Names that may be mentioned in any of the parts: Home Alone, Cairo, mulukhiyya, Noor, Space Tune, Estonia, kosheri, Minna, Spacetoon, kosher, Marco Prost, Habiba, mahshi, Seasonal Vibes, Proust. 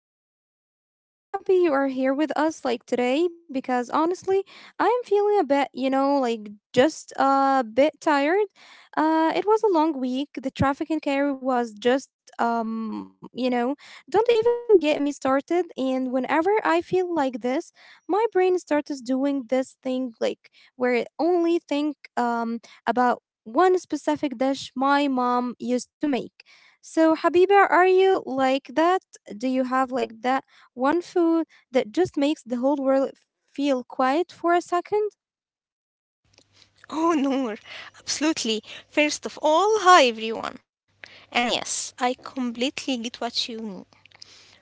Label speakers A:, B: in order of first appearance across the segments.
A: table. I'm so happy you are here with us like today because honestly, I am feeling a bit, like just a bit tired. It was a long week. The traffic in Cairo was just, don't even get me started. And whenever I feel like this, my brain starts doing this thing like where it only think um about one specific dish my mom used to make. So, Habiba, are you like that? Do you have like that one food that just makes the whole world feel quiet for a second?
B: Oh, Noor, absolutely. First of all, hi everyone. And yes, I completely get what you mean.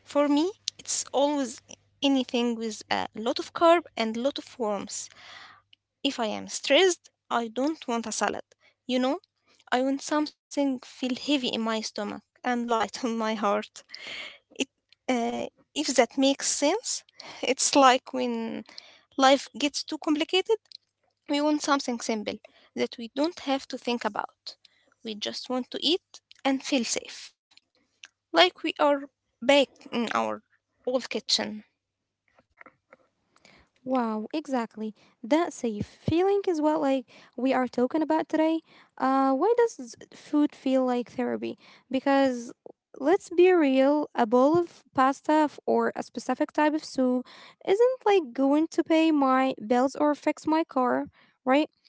B: For me, it's always anything with a lot of carb and lot of worms. If I am stressed, I don't want a salad. You know, I want something feel heavy in my stomach and light on my heart. It, uh, if that makes sense, it's like when life gets too complicated we want something simple that we don't have to think about. We just want to eat and feel safe, like we are back in our old kitchen.
A: Wow, exactly. That safe feeling is what like we are talking about today. Why does food feel like therapy? Because let's be real, a bowl of pasta f- or a specific type of soup isn't like going to pay my bills or fix my car, right?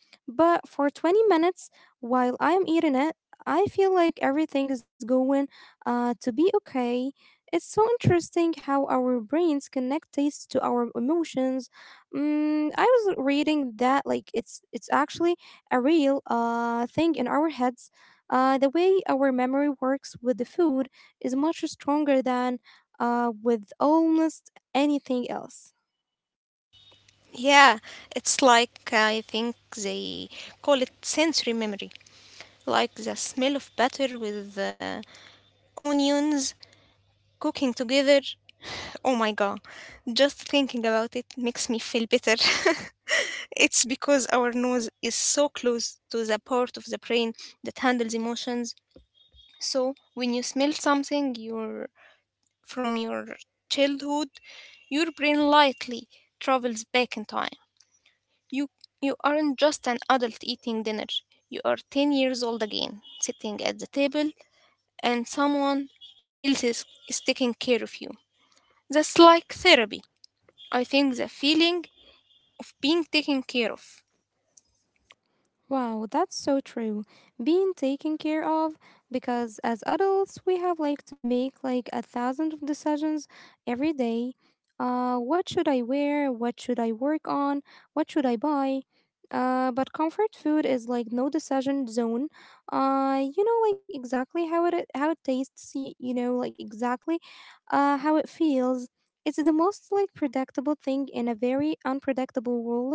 A: But for 20 minutes while I am eating it, I feel like everything is going to be okay. It's so interesting how our brains connect taste to our emotions. Mm, I was reading that like it's actually a real thing in our heads. The way our memory works with the food is much stronger than with almost anything else.
B: Yeah, it's like I think they call it sensory memory, like the smell of butter with onions cooking together. Oh my god, just thinking about it makes me feel better. It's because our nose is so close to the part of the brain that handles emotions. So when you smell something your from your childhood, your brain lightly travels back in time. You you aren't just an adult eating dinner. You are 10 years old again, sitting at the table and someone else is taking care of you. That's like therapy. I think the feeling of being taken care of.
A: Wow, that's so true. Being taken care of because as adults we have like to make like a thousand of decisions every day. What should I wear? What should I work on? What should I buy? But comfort food is like no decision zone. You know like exactly how it tastes, you know like exactly how it feels. It's the most like predictable thing in a very unpredictable world,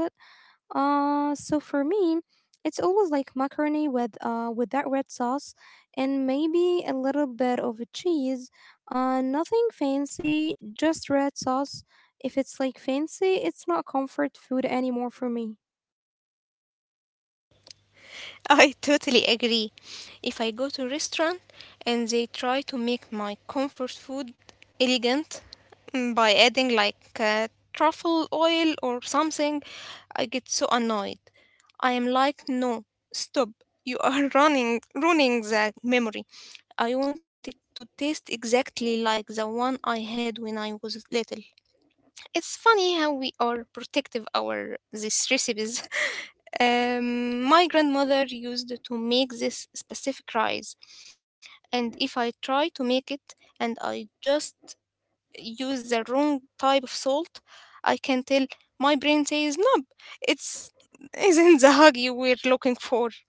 A: so for me, it's always like macaroni with that red sauce and maybe a little bit of a cheese. Nothing fancy, just red sauce. If it's like fancy, it's not comfort food anymore for me.
B: I totally agree. If I go to a restaurant and they try to make my comfort food elegant, by adding like truffle oil or something, I get so annoyed. I am like, no, stop. You are running, ruining the memory. I want it to taste exactly like the one I had when I was little. It's funny how we are protective our these recipes. My grandmother used to make this specific rice, and if I try to make it and I just use the wrong type of salt, I can tell my brain says no, it's isn't the hug you were looking for.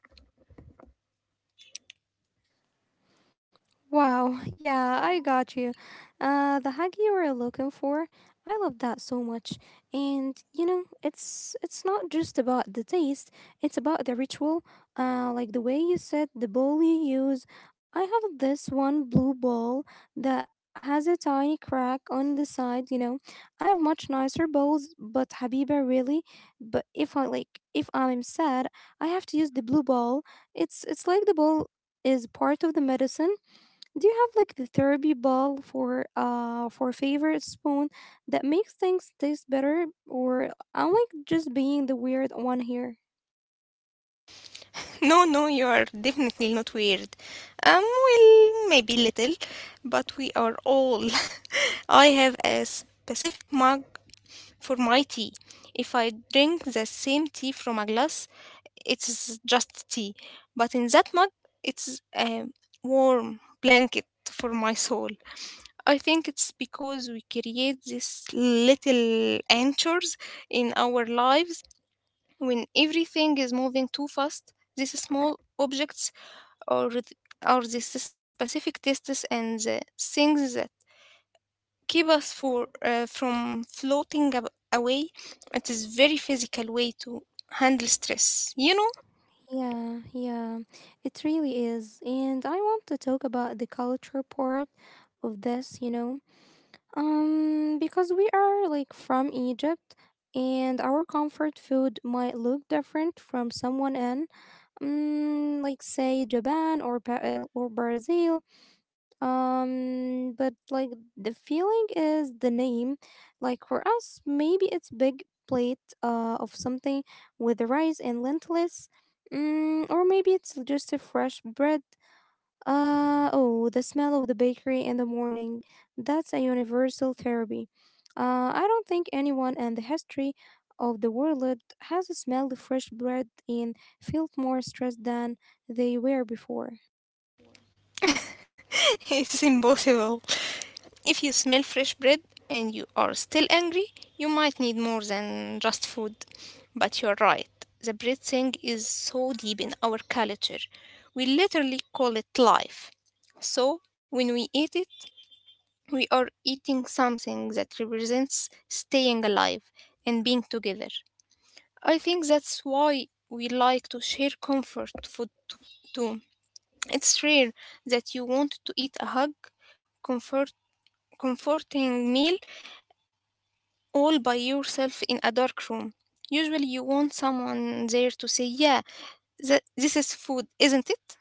A: Wow, yeah, I got you. The hug you were looking for, I love that so much. And you know, it's not just about the taste; it's about the ritual. Like the way you said the bowl you use. I have this one blue bowl that has a tiny crack on the side. You know, I have much nicer bowls, but Habiba really. But if I'm sad, I have to use the blue bowl. It's like the bowl is part of the medicine. Do you have like the therapy ball for favorite spoon that makes things taste better, or I'm like just being the weird one here?
B: No, You are definitely not weird. Well, maybe little, but we are all. I have a specific mug for my tea. If I drink the same tea from a glass, it's just tea. But in that mug, it's a warm blanket for my soul. I think it's because we create these little anchors in our lives when everything is moving too fast, these small objects or th- or these specific tests and the things that keep us for from floating away. It is very physical way to handle stress.
A: Yeah, yeah. It really is. And I want to talk about the culture part of this, you know. Because we are like from Egypt and our comfort food might look different from someone in, like say Japan or Brazil. But like the feeling is the name. Like for us, maybe it's big plate of something with the rice and lentils. Mm, or maybe it's just a fresh bread. Oh, the smell of the bakery in the morning. That's a universal therapy. I don't think anyone in the history of the world has smelled fresh bread and felt more stressed than they were before.
B: It's impossible. If you smell fresh bread and you are still angry, you might need more than just food. But you're right, the bread thing is so deep in our culture. We literally call it life. So when we eat it, we are eating something that represents staying alive and being together. I think that's why we like to share comfort food too. It's rare that you want to eat a hug, comfort, comforting meal all by yourself in a dark room. Usually, you want someone there to say, "Yeah, this is food, isn't it?"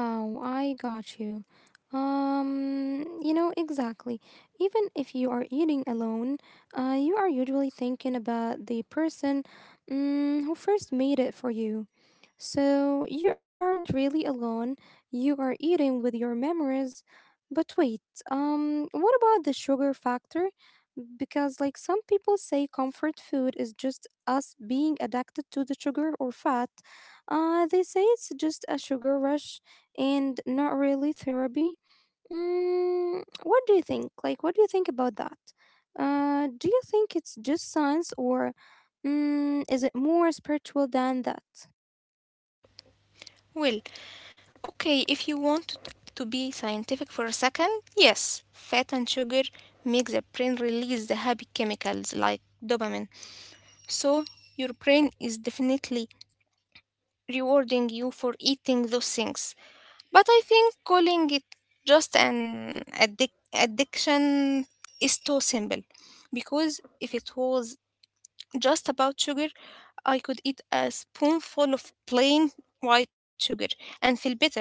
A: Wow, I got you. You know, exactly. Even if you are eating alone, you are usually thinking about the person, mm, who first made it for you. So you aren't really alone. You are eating with your memories. But wait, what about the sugar factor? Because, like, some people say comfort food is just us being addicted to the sugar or fat. They say it's just a sugar rush and not really therapy. Mm, what do you think? Like, what do you think about that? Do you think it's just science, or, mm, is it more spiritual than that?
B: Well, okay, if you want to be scientific for a second, yes, fat and sugar make the brain release the happy chemicals like dopamine. So, your brain is definitely rewarding you for eating those things. But I think calling it just an addiction is too simple because if it was just about sugar I could eat a spoonful of plain white sugar and feel better,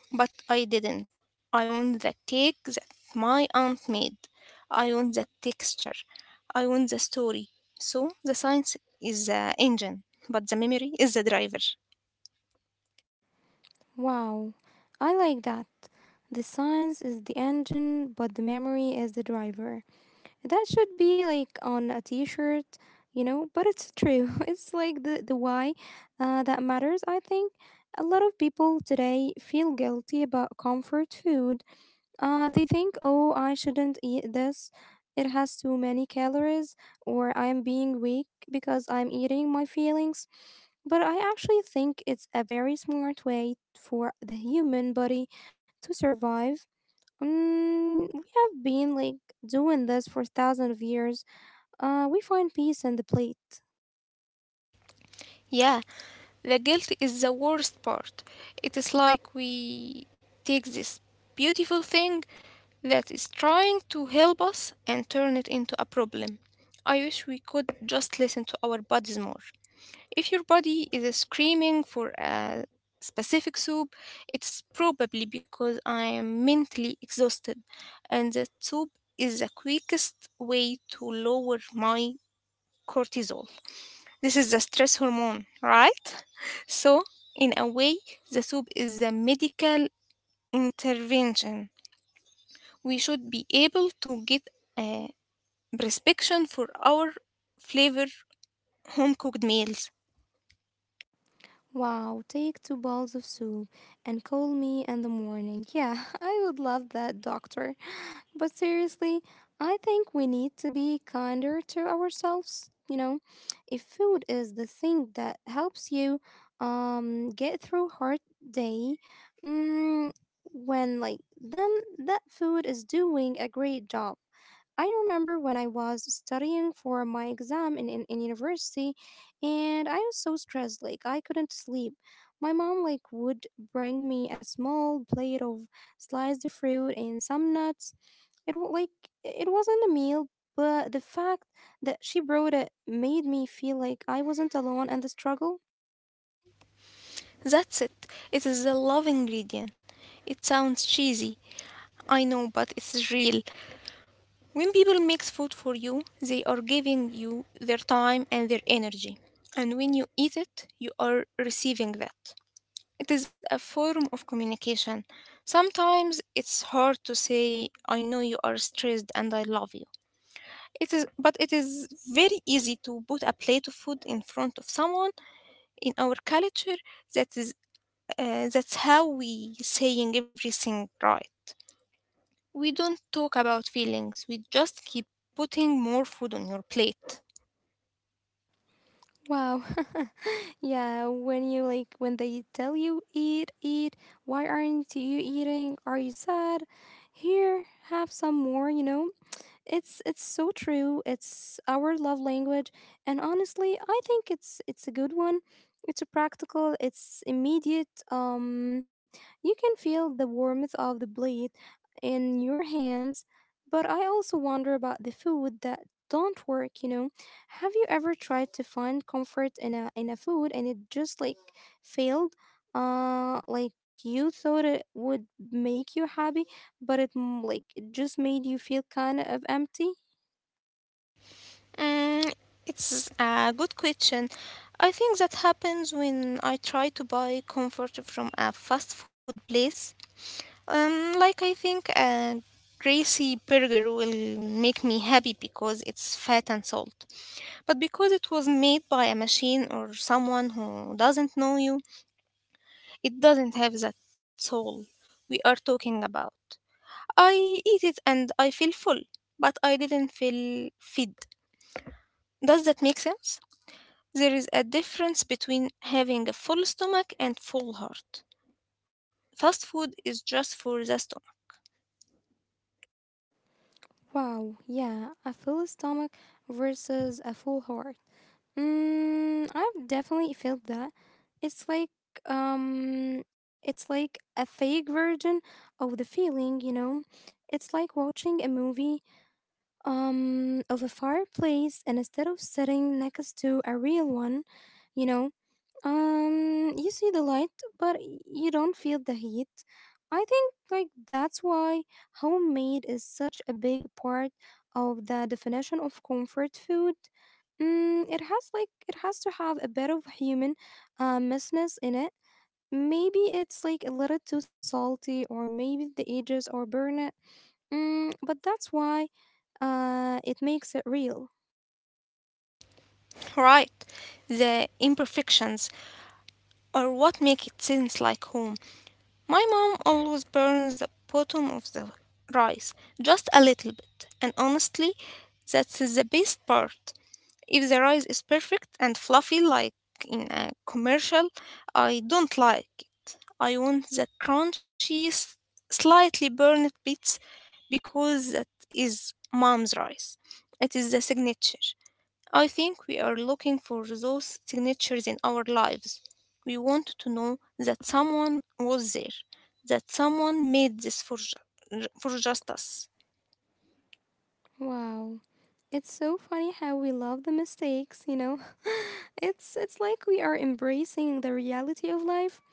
B: but I didn't. I want the cake that my aunt made. I want the texture. I want the story. So the science is the engine, but the memory is the driver.
A: Wow, I like that. The science is the engine, but the memory is the driver. That should be like on a T-shirt, you know. But it's true. It's like the why, that matters. I think a lot of people today feel guilty about comfort food. They think, oh, I shouldn't eat this. It has too many calories, or I am being weak because I'm eating my feelings. But I actually think it's a very smart way for the human body to survive. Mm, we have been like doing this for thousands of years. We find peace in the plate.
B: Yeah, the guilt is the worst part. It is like we take this beautiful thing that is trying to help us and turn it into a problem. I wish we could just listen to our bodies more. If your body is screaming for a specific soup, it's probably because I am mentally exhausted, and that soup is the quickest way to lower my cortisol. This is the stress hormone, right? So, in a way, the soup is a medical intervention. We should be able to get a prescription for our flavor home cooked meals.
A: Wow, take two bowls of soup and call me in the morning. Yeah, I would love that, doctor. But seriously, I think we need to be kinder to ourselves, you know? If food is the thing that helps you get through hard day, mm, when like then that food is doing a great job. I remember when I was studying for my exam in university, and I was so stressed, like I couldn't sleep. My mom like would bring me a small plate of sliced fruit and some nuts. Like it wasn't a meal, but the fact that she brought it made me feel like I wasn't alone in the struggle.
B: That's it. It is a love ingredient. It sounds cheesy, I know, but it's real. When people make food for you, they are giving you their time and their energy. And when you eat it, you are receiving that. It is a form of communication. Sometimes it's hard to say, I know you are stressed and I love you. It is, but it is very easy to put a plate of food in front of someone in our culture. That is, that's how we saying everything right. We don't talk about feelings. We just keep putting more food on your plate.
A: Wow. Yeah, when you like when they tell you eat, eat, why aren't you eating? Are you sad? Here, have some more, you know? It's so true. It's our love language, and honestly, I think it's a good one. It's a practical. It's immediate. You can feel the warmth of the blade in your hands, but I also wonder about the food that don't work. You know, have you ever tried to find comfort in a food and it just like failed? Like you thought it would make you happy? But it, mm, like it just made you feel kind of empty.
B: Mm, it's a good question. I think that happens when I try to buy comfort from a fast food place. Like I think a greasy burger will make me happy because it's fat and salt. But because it was made by a machine or someone who doesn't know you, it doesn't have that soul we are talking about. I eat it and I feel full, but I didn't feel fed. Does that make sense? There is a difference between having a full stomach and full heart. Fast food is just for the stomach.
A: Wow, yeah, a full stomach versus a full heart. Mm, I've definitely felt that. It's like it's like a fake version of the feeling, you know. It's like watching a movie of a fireplace and instead of sitting next to a real one, you know. You see the light, but you don't feel the heat. I think like that's why homemade is such a big part of the definition of comfort food. Mm, it has like it has to have a bit of human, messiness in it. Maybe it's like a little too salty, or maybe the edges are burnt. Mm, but that's why, it makes it real.
B: Right. The imperfections are what make it seems like home. My mom always burns the bottom of the rice, just a little bit. And honestly, that's the best part. If the rice is perfect and fluffy like in a commercial, I don't like it. I want the crunchy, slightly burned bits because that is mom's rice. It is the signature. I think we are looking for those signatures in our lives. We want to know that someone was there, that someone made this for, for just us.
A: Wow. It's so funny how we love the mistakes, you know? It's like we are embracing the reality of life.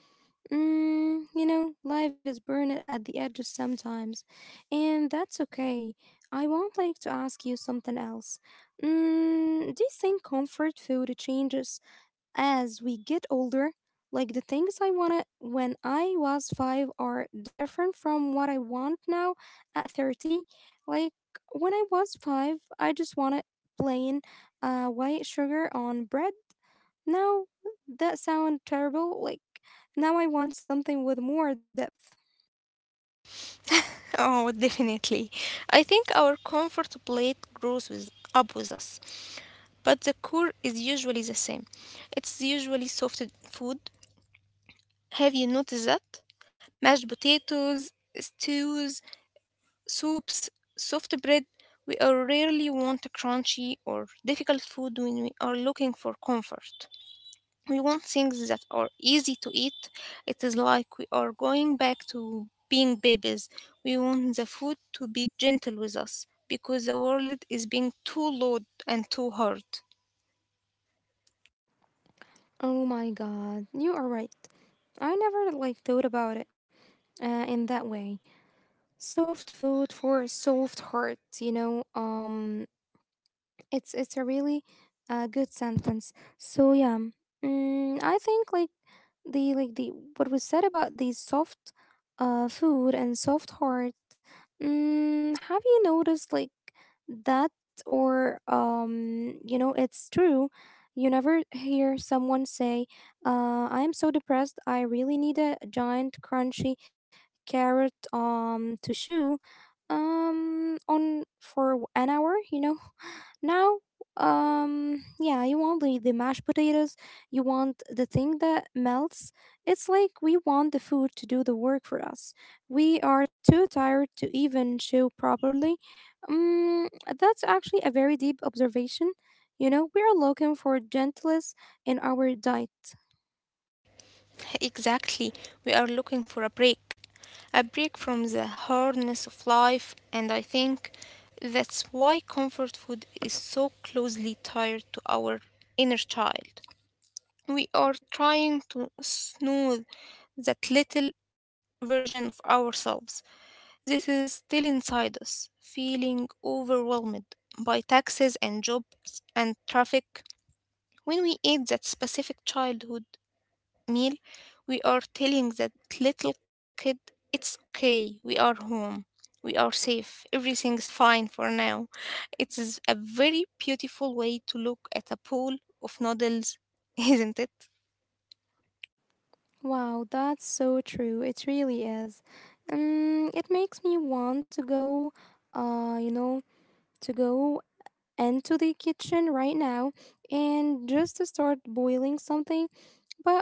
A: Mm, you know, life is burned at the edges sometimes, and that's okay. I would like to ask you something else. Mm, do you think comfort food changes as we get older, like the things I wanted when I was five are different from what I want now at 30. Like when I was five, I just wanted plain, white sugar on bread. Now that sounds terrible. Like now I want something with more depth.
B: Oh, definitely. I think our comfort plate grows with, up with us, but the core is usually the same. It's usually soft food. Have you noticed that? Mashed potatoes, stews, soups, soft bread. We are rarely want crunchy or difficult food when we are looking for comfort we want things that are easy to eat. It is like we are going back to being babies. We want the food to be gentle with us because the world is being too loud and too hard.
A: Oh my god, you are right. I never like thought about it, in that way. Soft food for a soft heart, you know. It's a really good sentence. So yeah, mm, I think like the what was said about the soft, food and soft heart. Mm, have you noticed like that, or you know it's true. You never hear someone say, "I am so depressed. I really need a giant crunchy carrot to chew on for an hour." You know now, yeah, you want the mashed potatoes, you want the thing that melts. It's like we want the food to do the work for us. We are too tired to even chew properly. Um, that's actually a very deep observation. You know, we are looking for gentleness in our diet.
B: Exactly, we are looking for a break. A break from the hardness of life, and I think that's why comfort food is so closely tied to our inner child. We are trying to smooth that little version of ourselves. This is still inside us, feeling overwhelmed by taxes and jobs and traffic. When we eat that specific childhood meal, we are telling that little kid, it's okay, we are home, we are safe, everything's fine for now. It is a very beautiful way to look at a pool of noodles, isn't it?
A: Wow, that's so true. It really is. It makes me want to go, you know, to go into the kitchen right now and just to start boiling something.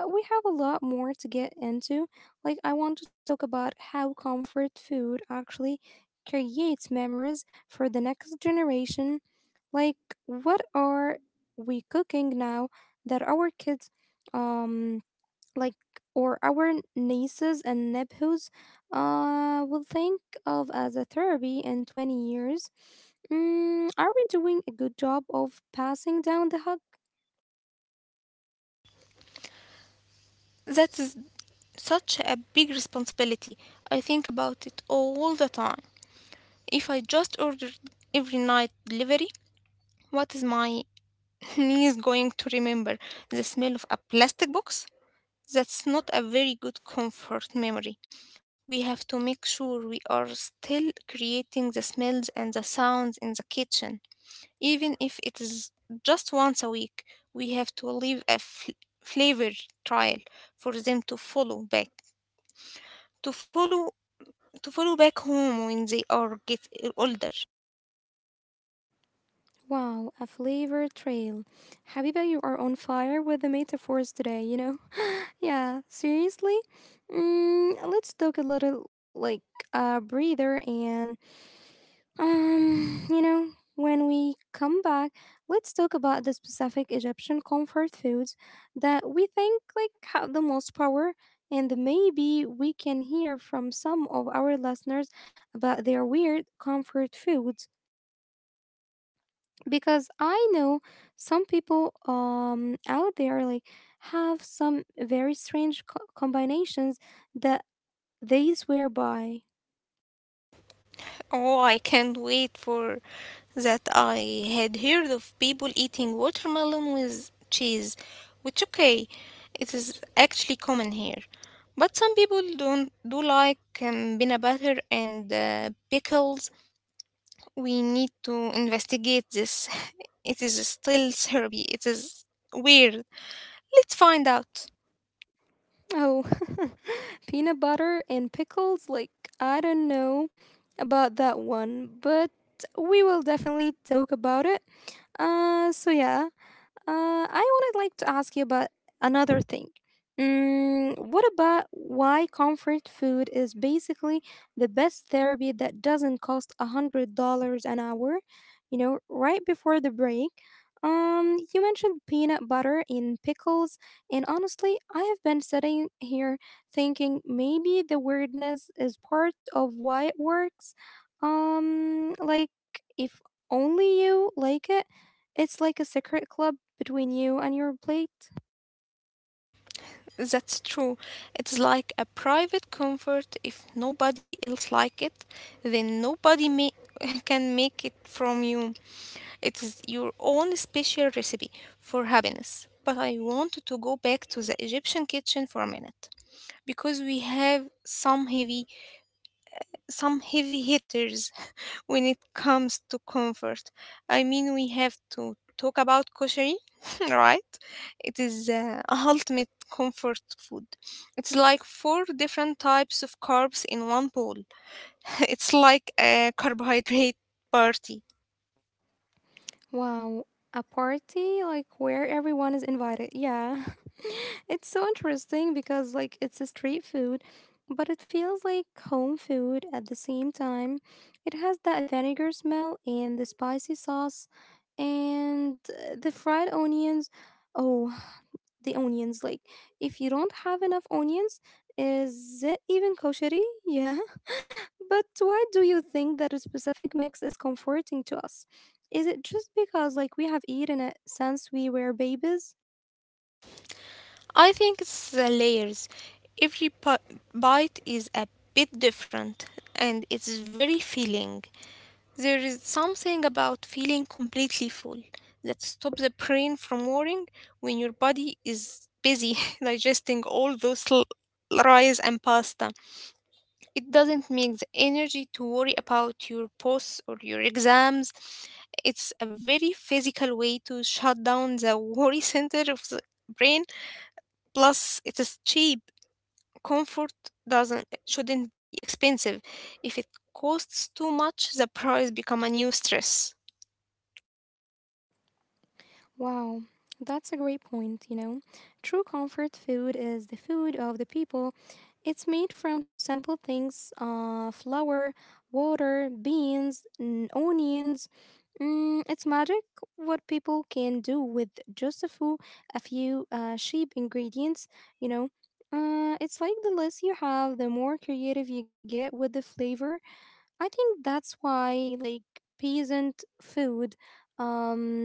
A: But we have a lot more to get into. Like, I want to talk about how comfort food actually creates memories for the next generation. Like, what are we cooking now that our kids? Um, like or our nieces and nephews, will think of as a therapy in 20 years. Mm, are we doing a good job of passing down the hug?
B: That is such a big responsibility. I think about it all the time. If I just ordered every night delivery, what is my niece going to remember? The smell of a plastic box? That's not a very good comfort memory. We have to make sure we are still creating the smells and the sounds in the kitchen. Even if it is just once a week, we have to leave a f- flavor trial for them to follow to follow back home when they are get older.
A: Wow, a flavor trail. Habiba, you are on fire with the metaphors today, you know? Yeah, seriously? Let's take a little, breather and Um, you know, when we come back, let's talk about the specific Egyptian comfort foods that we think have the most power, and maybe we can hear from some of our listeners about their weird comfort foods, because I know some people out there like have some very strange combinations that they swear by.
B: Oh, I can't wait for that. I had heard of people eating watermelon with cheese, which okay, it is actually common here. But some people don't do like peanut butter and pickles. We need to investigate this. It is still therapy. It is weird. Let's find out.
A: Oh, peanut butter and pickles? Like, I don't know about that one, but we will definitely talk about it. So yeah, I would like to ask you about another thing. Mm, what about why comfort food is basically the best therapy that doesn't cost $100 an hour? You know, right before the break, you mentioned peanut butter in pickles, and honestly, I have been sitting here thinking maybe the weirdness is part of why it works. Like, if only you like it, it's like a secret club between you and your plate?
B: That's true. It's like a private comfort. If nobody else like it, then nobody can make it from you. It is your own special recipe for happiness. But I wanted to go back to the Egyptian kitchen for a minute because we have some heavy hitters when it comes to comfort. I mean, we have to talk about kosher, right? It is a ultimate comfort food. It's like four different types of carbs in one bowl. It's like a carbohydrate party.
A: Wow, a party like where everyone is invited. Yeah. It's so interesting because like it's a street food, but it feels like home food at the same time. It has that vinegar smell and the spicy sauce and the fried onions. Oh, the onions, like, if you don't have enough onions, is it even kosheri? Yeah. But why do you think that a specific mix is comforting to us? Is it just because like we have eaten it since we were babies?
B: I think it's the layers. Every bite is a bit different and it's very feeling. There is something about feeling completely full that stops the brain from worrying when your body is busy digesting all those rice and pasta. It doesn't make the energy to worry about your posts or your exams. It's a very physical way to shut down the worry center of the brain. Plus, it is cheap. Comfort doesn't shouldn't be expensive. If it costs too much, the price become a new stress.
A: Wow, that's a great point, you know. True comfort food is the food of the people. It's made from simple things, flour, water, beans, and onions. Mm, it's magic what people can do with just a few, a few cheap ingredients, you know. It's like the less you have, the more creative you get with the flavor. I think that's why, like, peasant food um,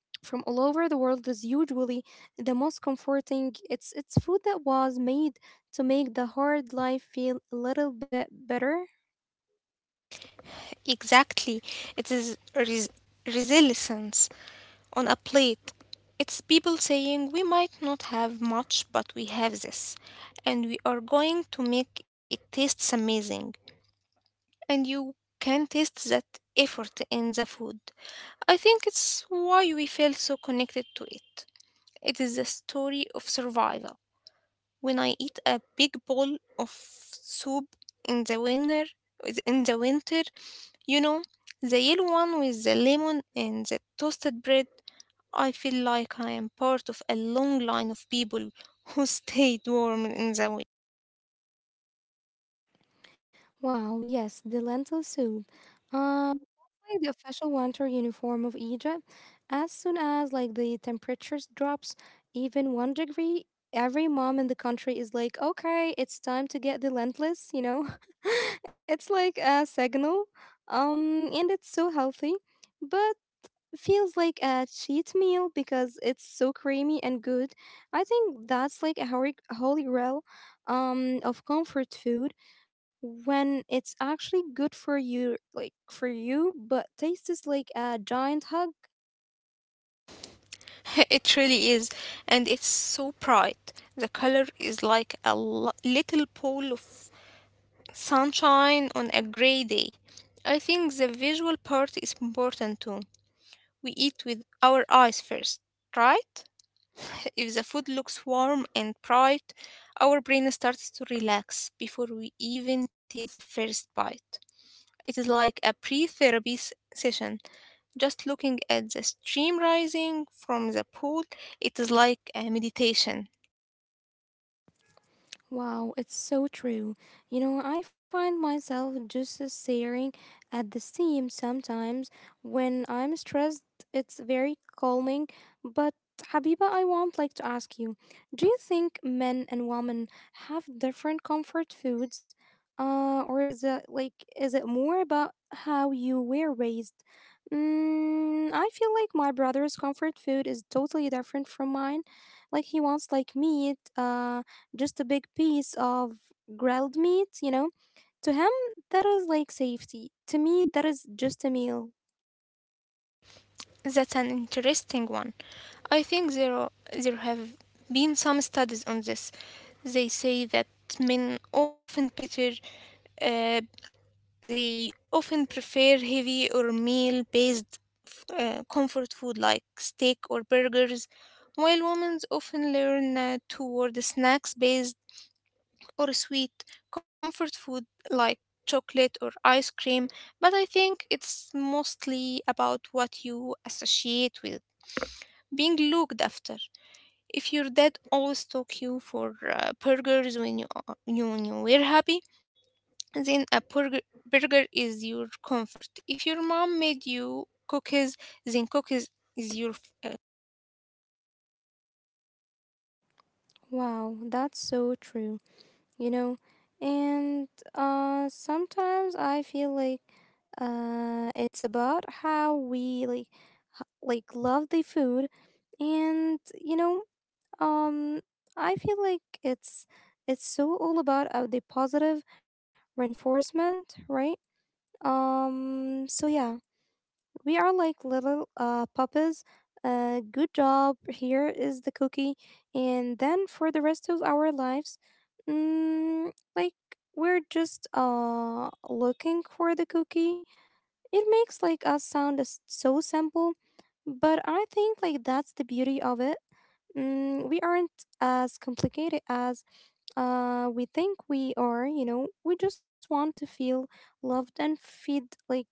A: from all over the world is usually the most comforting. It's food that was made to make the hard life feel a little bit better.
B: Exactly. It is resilience on a plate. It's people saying, "We might not have much, but we have this, and we are going to make it taste amazing." And you can taste that effort in the food. I think it's why we feel so connected to it. It is a story of survival. When I eat a big bowl of soup in the winter, in the winter, you know, the yellow one with the lemon and the toasted bread, I feel like I am part of a long line of people who stayed warm in the winter.
A: Wow, yes, the lentil soup. Um, like the official winter uniform of Egypt. As soon as like the temperatures drops even one degree, every mom in the country is like, okay, it's time to get the lentils. You know, it's like a signal. And it's so healthy. But feels like a cheat meal because it's so creamy and good. I think that's like a holy, holy grail of comfort food when it's actually good for you like for you but tastes like a giant hug.
B: It really is, and it's so bright. The color is like a little pool of sunshine on a gray day. I think the visual part is important too. We eat with our eyes first, right? If the food looks warm and bright, our brain starts to relax before we even take the first bite. It is like a pre therapy session. Just looking at the stream rising from the pool, it is like a meditation.
A: Wow, it's so true. You know, I find myself just staring at the seam sometimes. When I'm stressed, it's very calming. But Habiba, I want to ask you, do you think men and women have different comfort foods? Or is it more about how you were raised? I feel like my brother's comfort food is totally different from mine. Like he wants like meat, just a big piece of grilled meat, you know? To him, that is like safety. To me, that is just a meal.
B: That's an interesting one. I think there have been some studies on this. They say that men often better, uh, they often prefer heavy or meal based comfort food like steak or burgers, while women often lean toward snacks based or sweet comfort food like chocolate or ice cream. But I think it's mostly about what you associate with being looked after. If your dad always took you for burgers when you, are- when you were happy, then a burger is your comfort. If your mom made you cookies, then cookies is your—
A: Wow, that's so true, you know? And sometimes I feel like it's about how we love the food and um I feel like it's so all about the positive reinforcement, right? um so yeah We are like little puppies. Good job. Here is the cookie. And then for the rest of our lives, mm, like we're just looking for the cookie. It makes us sound so simple, but I think that's the beauty of it. Mm, we aren't as complicated as we think we are. You know, we just want to feel loved and feed, like,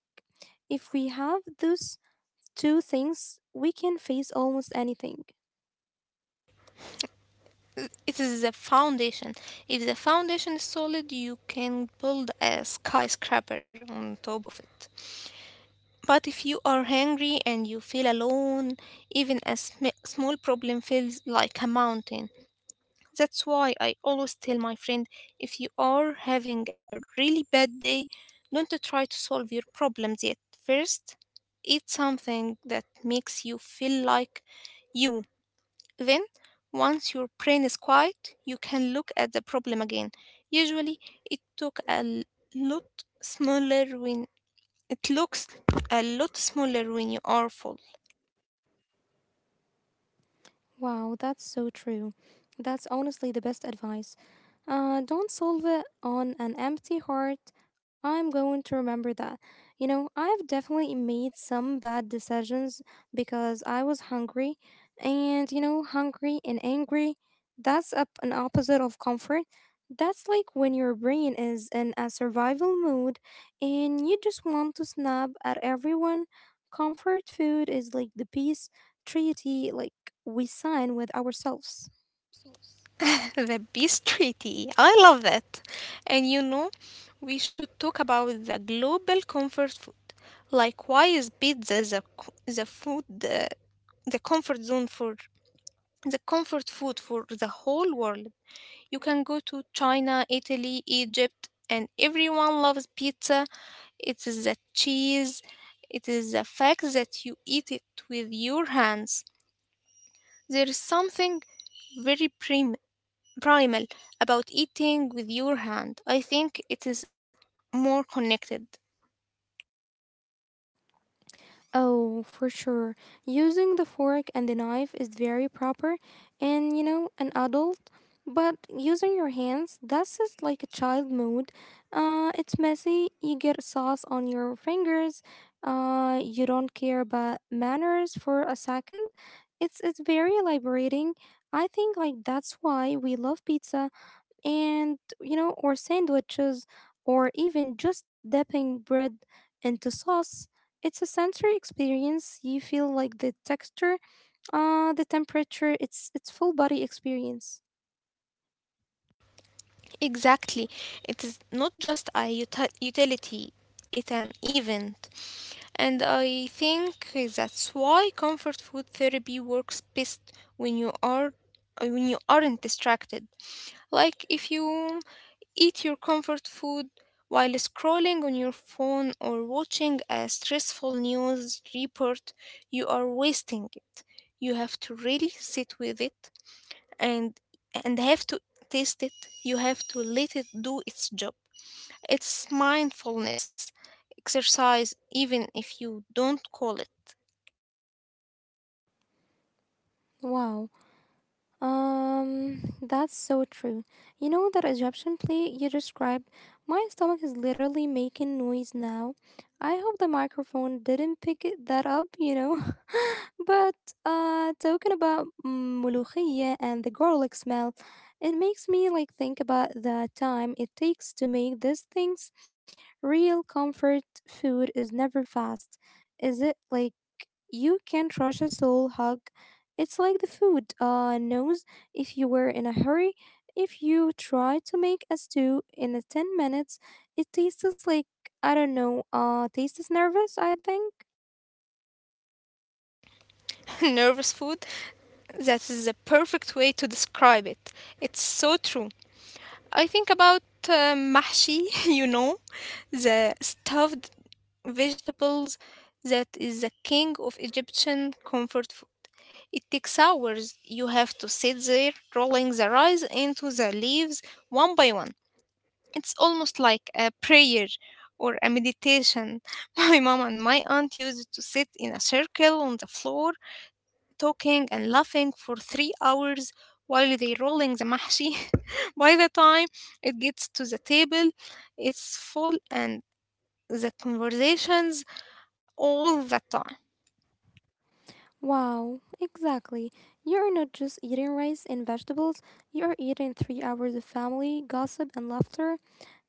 A: if we have those two things, we can face almost anything.
B: It is the foundation. If the foundation is solid, you can build a skyscraper on top of it. But if you are hungry and you feel alone, even a small problem feels like a mountain. That's why I always tell my friend, if you are having a really bad day, don't try to solve your problems yet. First, eat something that makes you feel like you. Then, once your brain is quiet, you can look at the problem again. Usually, it took a l- lot smaller when it looks a lot smaller when you are full.
A: Wow, that's so true. That's honestly the best advice. Don't solve it on an empty heart. I'm going to remember that. You know, I've definitely made some bad decisions because I was hungry. And, you know, hungry and angry, that's up an opposite of comfort. That's like when your brain is in a survival mode and you just want to snap at everyone. Comfort food is like the peace treaty, like we sign with ourselves.
B: The peace treaty. I love that. And you know, we should talk about the global comfort food. Like, why is pizza the, co- the food, the comfort zone for the comfort food for the whole world? You can go to China, Italy, Egypt, and everyone loves pizza. It is the cheese, it is the fact that you eat it with your hands. There is something very premium primal about eating with your hand. I think it is more connected.
A: Oh, for sure. Using the fork and the knife is very proper and, you know, an adult. But using your hands, that's just like a child mode. It's messy, you get sauce on your fingers, you don't care about manners for a second. It's very liberating. I think like that's why we love pizza and, you know, or sandwiches or even just dipping bread into sauce. It's a sensory experience. You feel like the texture, the temperature. It's full body experience.
B: Exactly. It is not just a utility, it's an event. And I think that's why comfort food therapy works best when you are when you aren't distracted. Like, if you eat your comfort food while scrolling on your phone or watching a stressful news report, you are wasting it. You have to really sit with it, and have to taste it. You have to let it do its job. It's mindfulness exercise even if you don't call it—
A: Wow. That's so true. You know that Egyptian play you described? My stomach is literally making noise now. I hope the microphone didn't that up, you know. But talking about mulukhiyya and the garlic smell, it makes me think about the time it takes to make these things. Real comfort food is never fast. Is it like you can't rush a soul hug? It's like the food knows if you were in a hurry. If you try to make a stew in a 10 minutes, it tastes like, I don't know, tastes nervous, I think.
B: Nervous food. That is the perfect way to describe it. It's so true. I think about mahshi, you know, the stuffed vegetables, that is the king of Egyptian comfort food. It takes hours. You have to sit there rolling the rice into the leaves one by one. It's almost like a prayer or a meditation. My mom and my aunt used to sit in a circle on the floor talking and laughing for 3 hours while they rolling the mahshi. By the time it gets to the table, it's full and the conversations all the time.
A: Wow, exactly. You're not just eating rice and vegetables, you are eating 3 hours of family, gossip, and laughter.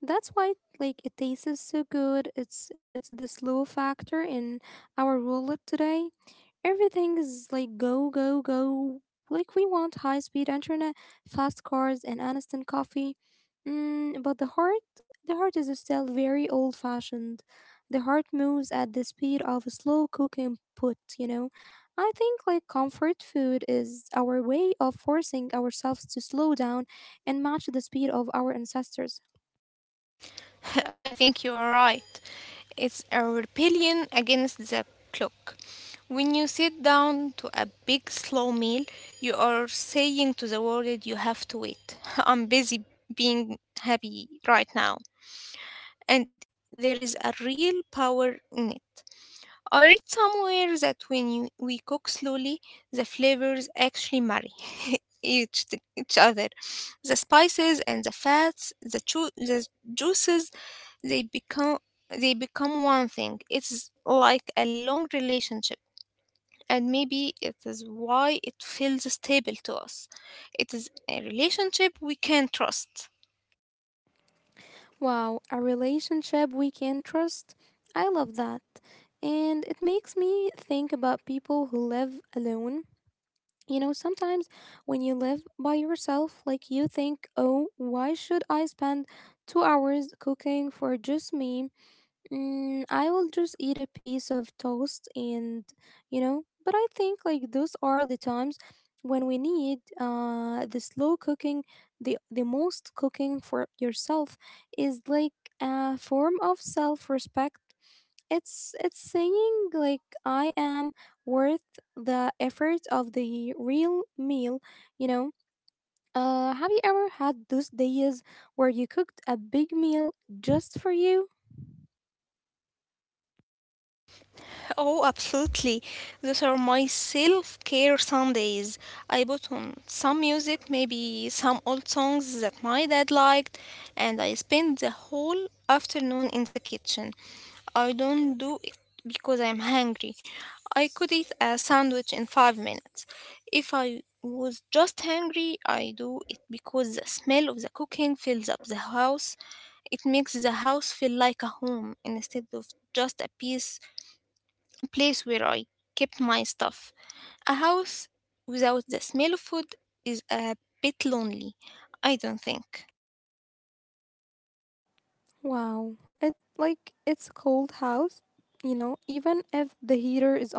A: That's why like it tastes so good. It's the slow factor in our wallet today. Everything is like go go go. Like we want high speed internet, fast cars, and instant coffee. Mm, but the heart, the heart is still very old fashioned. The heart moves at the speed of a slow cooking put. You know, I think like comfort food is our way of forcing ourselves to slow down and match the speed of our ancestors.
B: I think you are right. It's a rebellion against the clock. When you sit down to a big slow meal, you are saying to the world, you have to wait. I'm busy being happy right now. And there is a real power in it. I read somewhere that we cook slowly, the flavors actually marry each other. The spices and the fats, the juices, they become— They become one thing. It's like a long relationship, and maybe it is why it feels stable to us. It is a relationship we can trust.
A: Wow, a relationship we can trust? I love that. And it makes me think about people who live alone. You know, sometimes when you live by yourself, like you think, oh, why should I spend 2 hours cooking for just me? I will just eat a piece of toast and, you know, but I think like those are the times when we need the slow cooking, the most cooking for yourself is like a form of self-respect. It's saying like I am worth the effort of the real meal, you know. Have you ever had those days where you cooked a big meal just for you?
B: Oh, absolutely. Those are my self care Sundays. I put on some music, maybe some old songs that my dad liked, and I spend the whole afternoon in the kitchen. I don't do it because I'm hungry. I could eat a sandwich in 5 minutes if I was just hungry. I do it because the smell of the cooking fills up the house. It makes the house feel like a home instead of just a place where I kept my stuff. A house without the smell of food is a bit lonely, I don't think.
A: Wow, it it's a cold house, you know, even if the heater is on,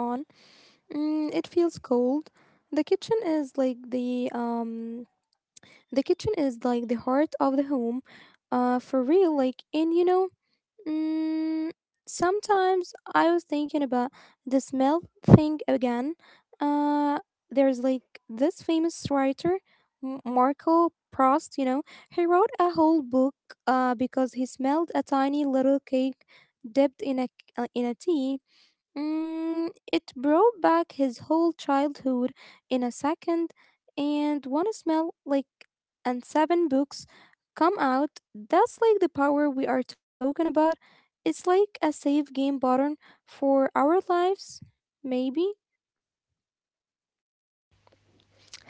A: it feels cold. The kitchen is like the um The kitchen is like the heart of the home, for real. Like, and you know, mm, sometimes I was thinking about the smell thing again. Uh, there's like this famous writer, Marco Prost, you know, he wrote a whole book because he smelled a tiny little cake dipped in a tea. It brought back his whole childhood in a second, and one smell, like, and seven books come out. That's like the power we are talking about. It's like a save game button for our lives, maybe.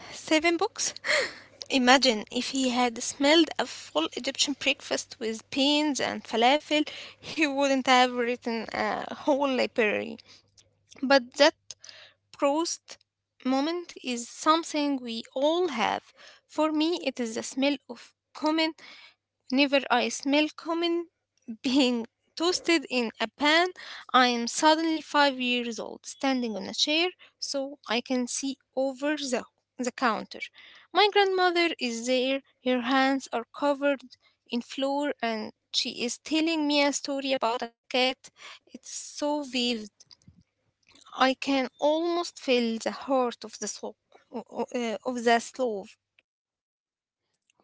B: Seven books? Imagine if he had smelled a full Egyptian breakfast with beans and falafel, he wouldn't have written a whole library. But that Proust moment is something we all have. For me, it is the smell of cumin. Whenever I smell cumin being toasted in a pan, I am suddenly 5 years old, standing on a chair so I can see over the counter. My grandmother is there, her hands are covered in flour, and she is telling me a story about a cat. It's so vivid, I can almost feel the heart of the soul. Of the stove.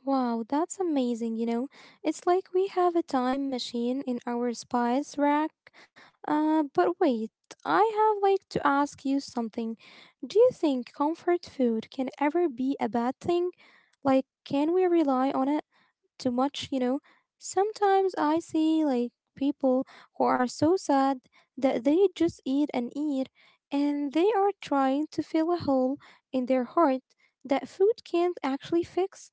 A: Wow, that's amazing, you know. It's like we have a time machine in our spice rack. But wait, I have to ask you something. Do you think comfort food can ever be a bad thing? Like, can we rely on it too much, you know? Sometimes I see like people who are so sad that they just eat and eat, and they are trying to fill a hole in their heart that food can't actually fix.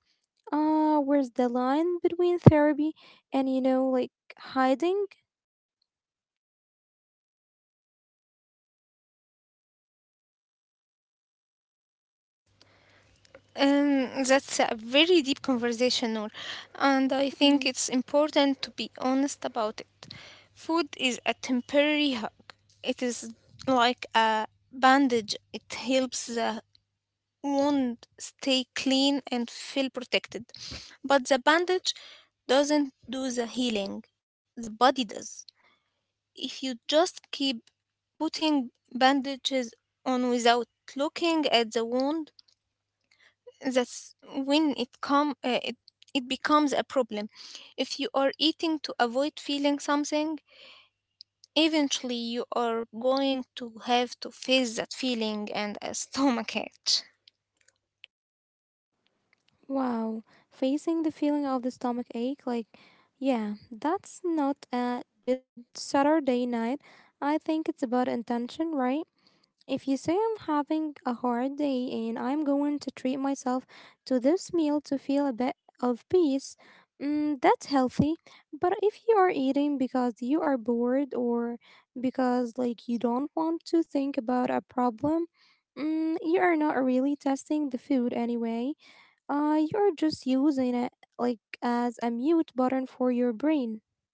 A: Uh, where's the line between therapy and, you know, like hiding?
B: That's a very deep conversation, Noor, and I
A: Mhm.
B: think it's important to be honest about it. Food is a temporary hug. It is like a bandage. It helps the wound stay clean and feel protected. But the bandage doesn't do the healing. The body does. If you just keep putting bandages on without looking at the wound, that's when it becomes a problem. If you are eating to avoid feeling something, eventually you are going to have to face that feeling and a stomach ache.
A: Wow, facing the feeling of the stomach ache, like, yeah, that's not a good Saturday night. I think it's about intention, right? If you say I'm having a hard day and I'm going to treat myself to this meal to feel a bit of peace, that's healthy. But if you are eating because you are bored or because like you don't want to think about a problem, you are not really testing the food anyway. You are just using it like as a mute button for your brain.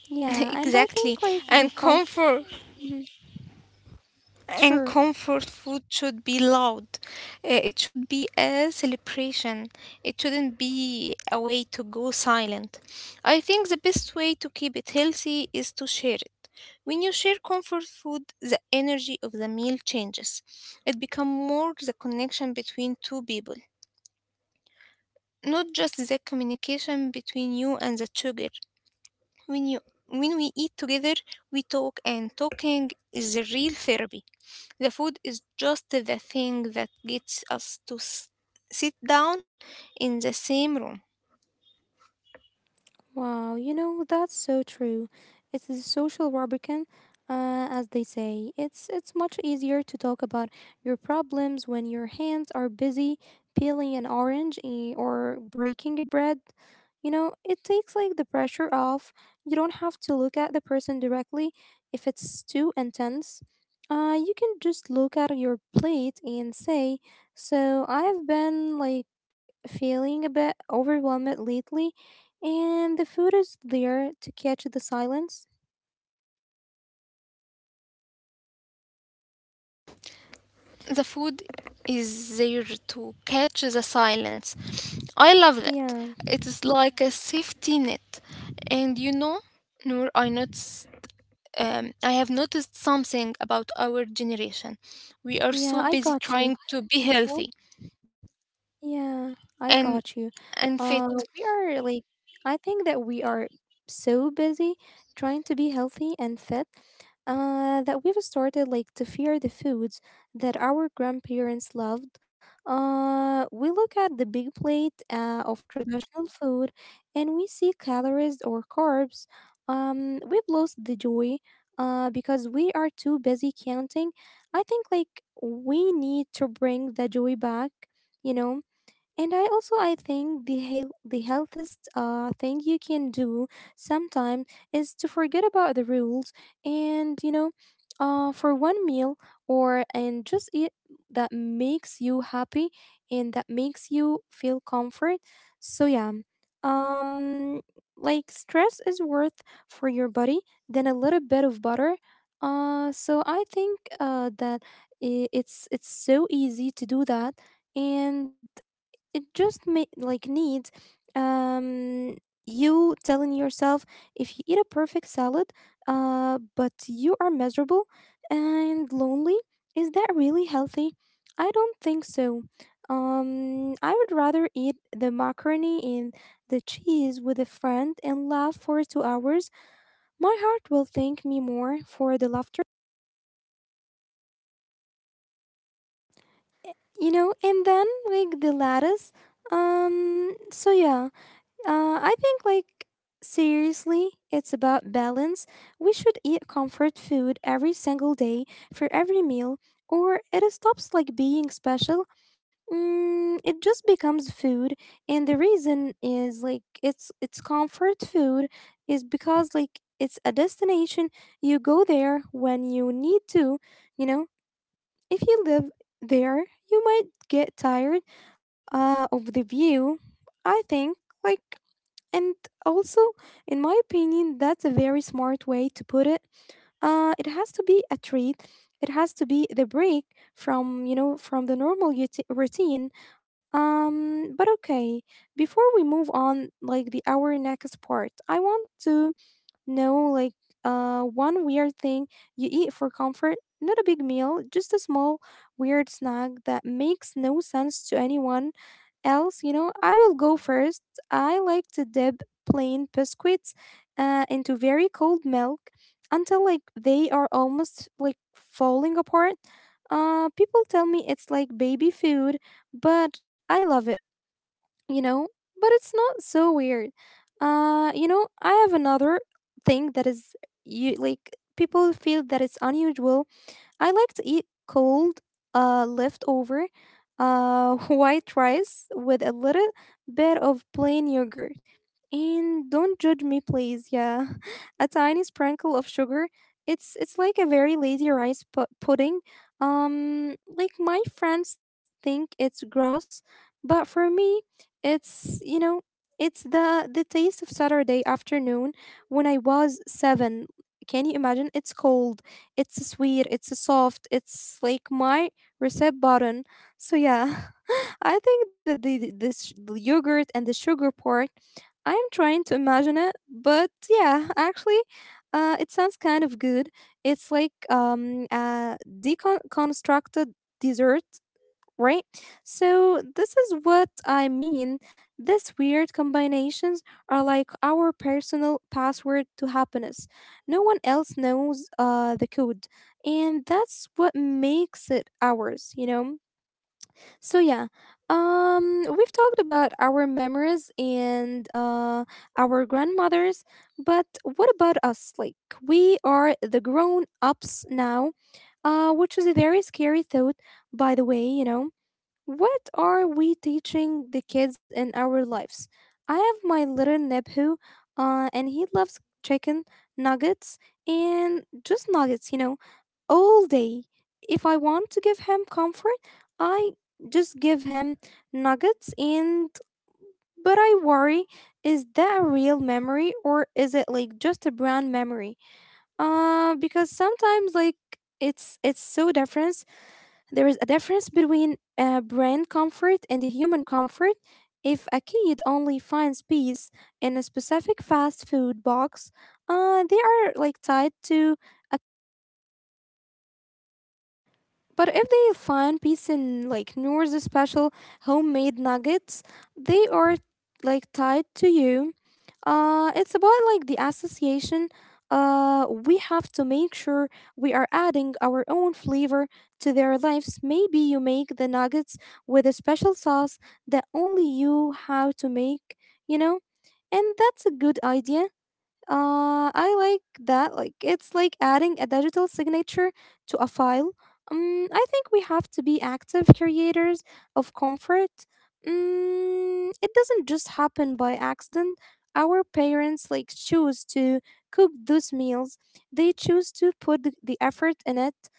A: Yeah, and I think
B: Exactly.
A: like the
B: and
A: comfort.
B: comfort and
A: Sure.
B: comfort food should be loud. It should be a celebration, it shouldn't be a way to go silent. I think the best way to keep it healthy is to share it. When you share comfort food, the energy of the meal changes. It becomes more the connection between two people, not just the communication between you and the sugar. When you when we eat together, we talk, and talking is the real therapy. The food is just the thing that gets us to sit down in the same room.
A: Wow, you know, that's so true. It's a social lubricant, as they say. It's much easier to talk about your problems when your hands are busy peeling an orange, or breaking a bread. You know, it takes like the pressure off. You don't have to look at the person directly if it's too intense. You can just look at your plate and say, "So I've been feeling a bit overwhelmed lately." And the food is there to catch the silence.
B: The food is there to catch the silence. I love that.
A: Yeah,
B: It is like a safety net. And you know, Noor, I have noticed something about our generation. We are
A: yeah,
B: so
A: I
B: busy
A: got you.
B: trying to be healthy
A: Yeah, I
B: and
A: got you.
B: and fit.
A: Uh, we are like, I think that we are so busy trying to be healthy and fit, that we've started like to fear the foods that our grandparents loved. We look at the big plate of traditional food and we see calories or carbs. We've lost the joy, because we are too busy counting. I think like we need to bring the joy back, you know. And I also, I think the the healthiest thing you can do sometime is to forget about the rules, and you know, for one meal or and just eat that makes you happy and that makes you feel comfort. So yeah, um like stress is worth for your body than a little bit of butter. So I think that it's so easy to do that, and it just like needs, um you telling yourself, if you eat a perfect salad, but you are miserable and lonely, is that really healthy? I don't think so. I would rather eat the macaroni and the cheese with a friend and laugh for 2 hours. My heart will thank me more for the laughter, you know, and then like the lattice. So yeah. I think, like, seriously, it's about balance. We should eat comfort food every single day for every meal, or it stops, like, being special. It just becomes food, and the reason is like it's comfort food is because like it's a destination. You go there when you need to, you know. If you live there, you might get tired of the view. I think like and also, in my opinion, that's a very smart way to put it. It has to be a treat. It has to be the break from, you know, from the normal routine. But okay, before we move on, like the our next part, I want to, no, like, one weird thing you eat for comfort, not a big meal, just a small weird snack that makes no sense to anyone else, you know. I will go first. I like to dip plain biscuits into very cold milk until like they are almost like falling apart. People tell me it's like baby food, but I love it, you know, but it's not so weird. You know, I have another thing that is, you like people feel that it's unusual. I like to eat cold, leftover, white rice with a little bit of plain yogurt. And don't judge me, please. Yeah, a tiny sprinkle of sugar. It's like a very lazy rice pudding. Like my friends think it's gross, but for me, it's, you know, it's the taste of Saturday afternoon when I was seven. Can you imagine? It's cold, it's sweet, it's soft, it's like my reset button. So yeah, I think that this yogurt and the sugar part, I'm trying to imagine it, but yeah, actually, it sounds kind of good. It's like, a deconstructed dessert, right? So this is what I mean. These weird combinations are like our personal password to happiness. No one else knows the code, and that's what makes it ours, you know. So yeah, we've talked about our memories and our grandmothers, but what about us? Like we are the grown ups now, which is a very scary thought, by the way. You know, what are we teaching the kids in our lives? I have my little nephew, and he loves chicken nuggets, and just nuggets, you know, all day. If I want to give him comfort, I just give him nuggets, and but I worry, is that a real memory or is it like just a brand memory? Because sometimes like it's so different. There is a difference between brand comfort and human comfort. If a kid only finds peace in a specific fast food box, they are like tied to a. But if they find peace in like Noor's special homemade nuggets, they are like tied to you. It's about like the association. We have to make sure we are adding our own flavor to their lives. Maybe you make the nuggets with a special sauce that only you how to make, you know? And that's a good idea. I like that. Like it's like adding a digital signature to a file. I think we have to be active creators of comfort. It doesn't just happen by accident. Our parents like choose to cook those meals. They choose to put the effort in it,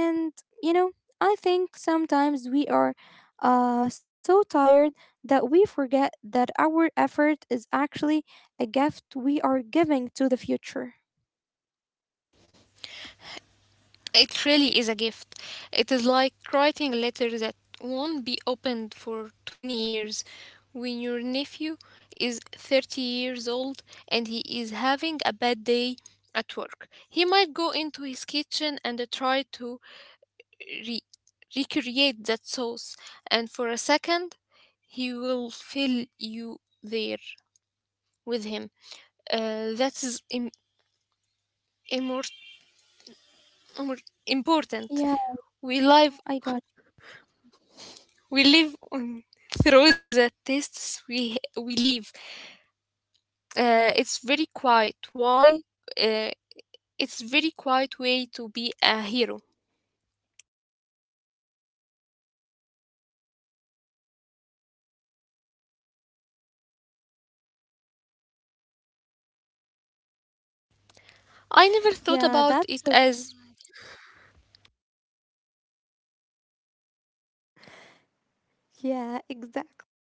A: and, you know, I think sometimes we are so tired that we forget that our effort is actually a gift we are giving to the future.
B: It really is a gift. It is like writing a letter that won't be opened for 20 years. When your nephew is 30 years old and he is having a bad day at work, he might go into his kitchen and try to re- recreate that sauce, and for a second, he will fill you there with him. That is immor- immor- important.
A: Yeah,
B: We live
A: I got.
B: we live on through the tests we live. It's very quiet. Why? Uh, it's very quiet way to be a hero. I never thought
A: Yeah,
B: about
A: that's
B: it
A: so.
B: as—
A: Yeah, exactly.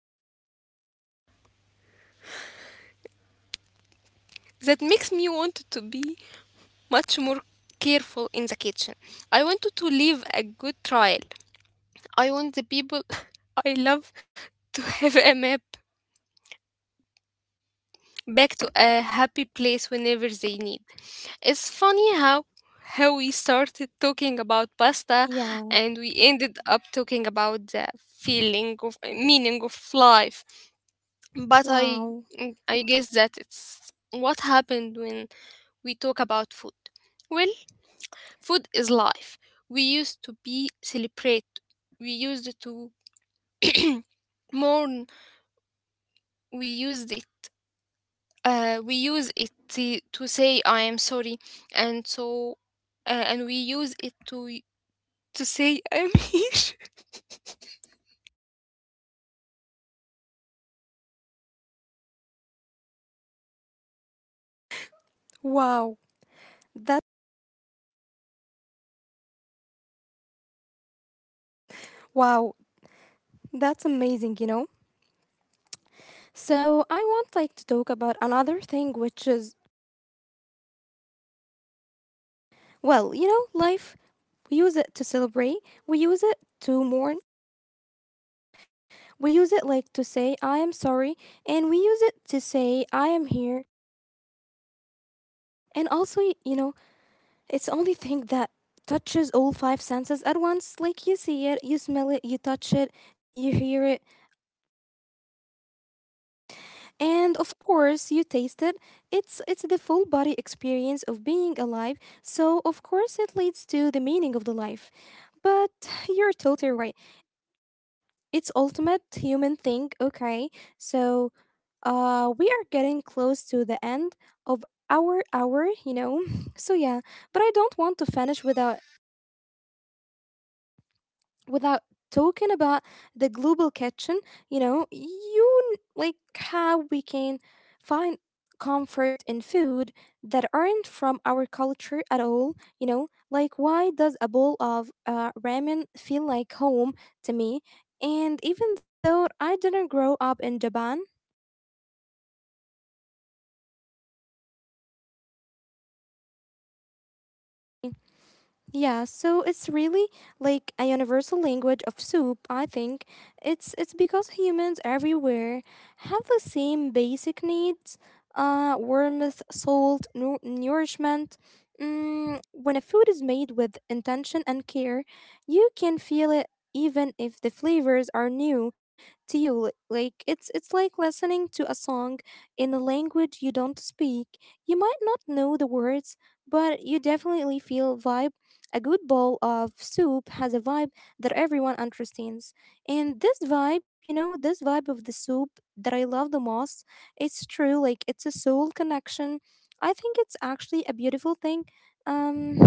B: That makes me want to be much more careful in the kitchen. I wanted to live a good trial. I want the people I love to have a map back to a happy place whenever they need. It's funny how we started talking about pasta
A: Yeah.
B: and we ended up talking about the feeling of meaning of life. But
A: Wow.
B: I guess that it's what happened when we talk about food. Well, food is life. We used to be celebrate. We used to mourn. We used it. We use it to say I am sorry, and so and we use it to— to say I'm here.
A: Wow. That wow. That's amazing, you know. So I want like to talk about another thing which is, well, you know, life. We use it to celebrate, we use it to mourn, we use it like to say I am sorry, and we use it to say I am here. And also, you know, it's only thing that touches all five senses at once. Like you see it, you smell it, you touch it, you hear it, and of course you taste it. It's the full body experience of being alive. So of course it leads to the meaning of the life. But you're totally right. It's ultimate human thing, okay? So we are getting close to the end of our hour, you know. So yeah, but I don't want to finish without talking about the global kitchen, you know, you like how we can find comfort in food that aren't from our culture at all, you know? Like why does a bowl of ramen feel like home to me? And even though I didn't grow up in Japan, yeah, so it's really like a universal language of soup, I think. It's because humans everywhere have the same basic needs, warmth, salt, nourishment. When a food is made with intention and care, you can feel it even if the flavors are new to you. Like it's like listening to a song in a language you don't speak. You might not know the words, but you definitely feel vibe. A good bowl of soup has a vibe that everyone understands. And this vibe, you know, this vibe of the soup that I love the most, it's true, like it's a soul connection. I think it's actually a beautiful thing. Um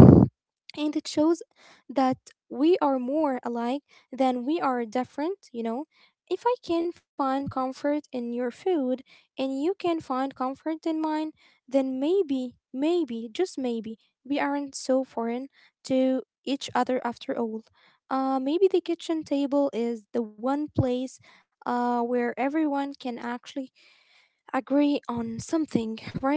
A: and it shows that we are more alike than we are different, you know. If I can find comfort in your food and you can find comfort in mine, then maybe, maybe, just maybe, we aren't so foreign to each other after all. Maybe the kitchen table is the one place where everyone can actually agree on something, right?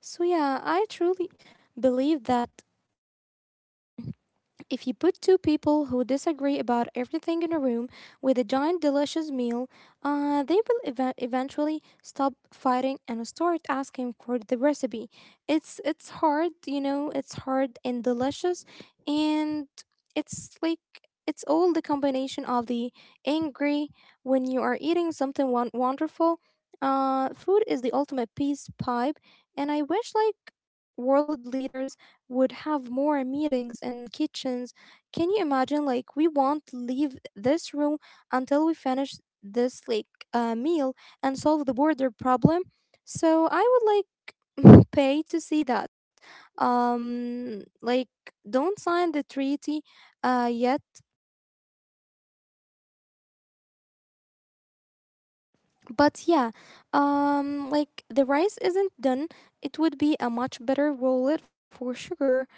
A: So yeah, I truly believe that if you put two people who disagree about everything in a room with a giant delicious meal, they will eventually stop fighting and start asking for the recipe. It's hard, you know, it's hard and delicious, and it's like it's all the combination of the angry when you are eating something wonderful. Food is the ultimate peace pipe, and I wish like world leaders would have more meetings and kitchens. Can you imagine? Like, we won't leave this room until we finish this like meal and solve the border problem. So I would like pay to see that. Like, don't sign the treaty yet, but yeah, like the rice isn't done, it would be a much better wallet for sugar.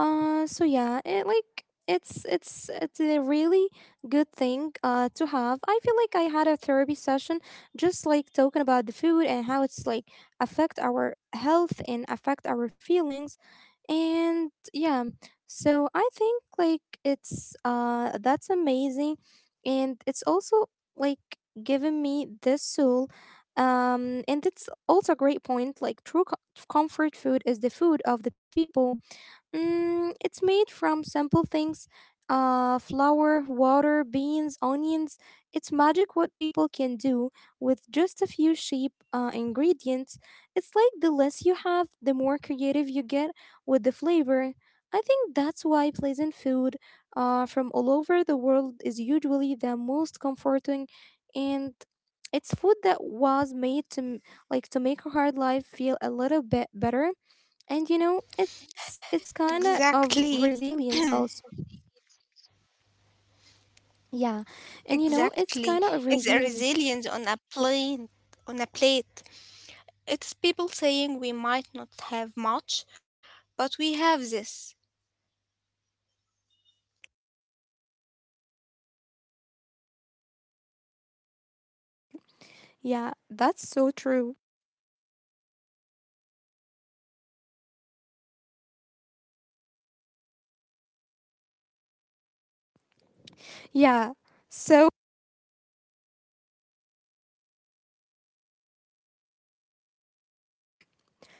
A: So yeah, it like it's a really good thing to have. I feel like I had a therapy session just like talking about the food and how it's like affect our health and affect our feelings, and yeah. So I think like it's that's amazing, and it's also like given me this soul. And it's also a great point. Like true comfort food is the food of the people. It's made from simple things, flour, water, beans, onions. It's magic what people can do with just a few cheap ingredients. It's like the less you have, the more creative you get with the flavor. I think that's why pleasant food from all over the world is usually the most comforting, and it's food that was made to like to make a hard life feel a little bit better, and you know it's kind of
B: Exactly,
A: resilience also. Yeah, and you know it's
B: exactly.
A: kind of
B: It's a
A: resilience.
B: resilience on a plate, on a plate. It's people saying, "We might not have much, but we have this."
A: Yeah, that's so true. Yeah. so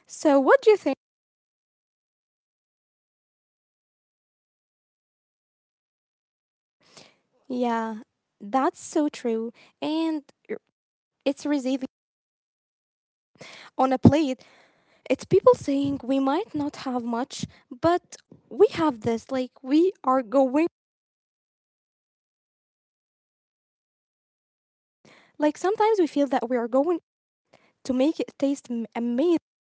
A: so what do you think? Yeah, that's so true. And r- it's resilient on a plate. It's people saying we might not have much, but we have this, like we are going, like sometimes we feel that we are going to make it taste amazing,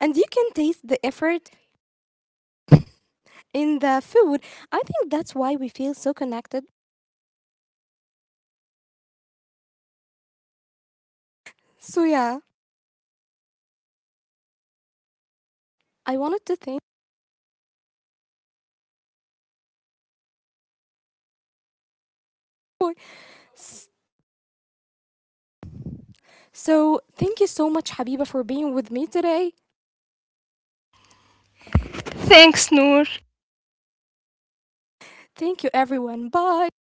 A: and you can taste the effort in the food. I think that's why we feel so connected. So yeah, I wanted to thank you. So thank you so much, Habiba, for being with me today.
B: Thanks, Noor.
A: Thank you, everyone. Bye.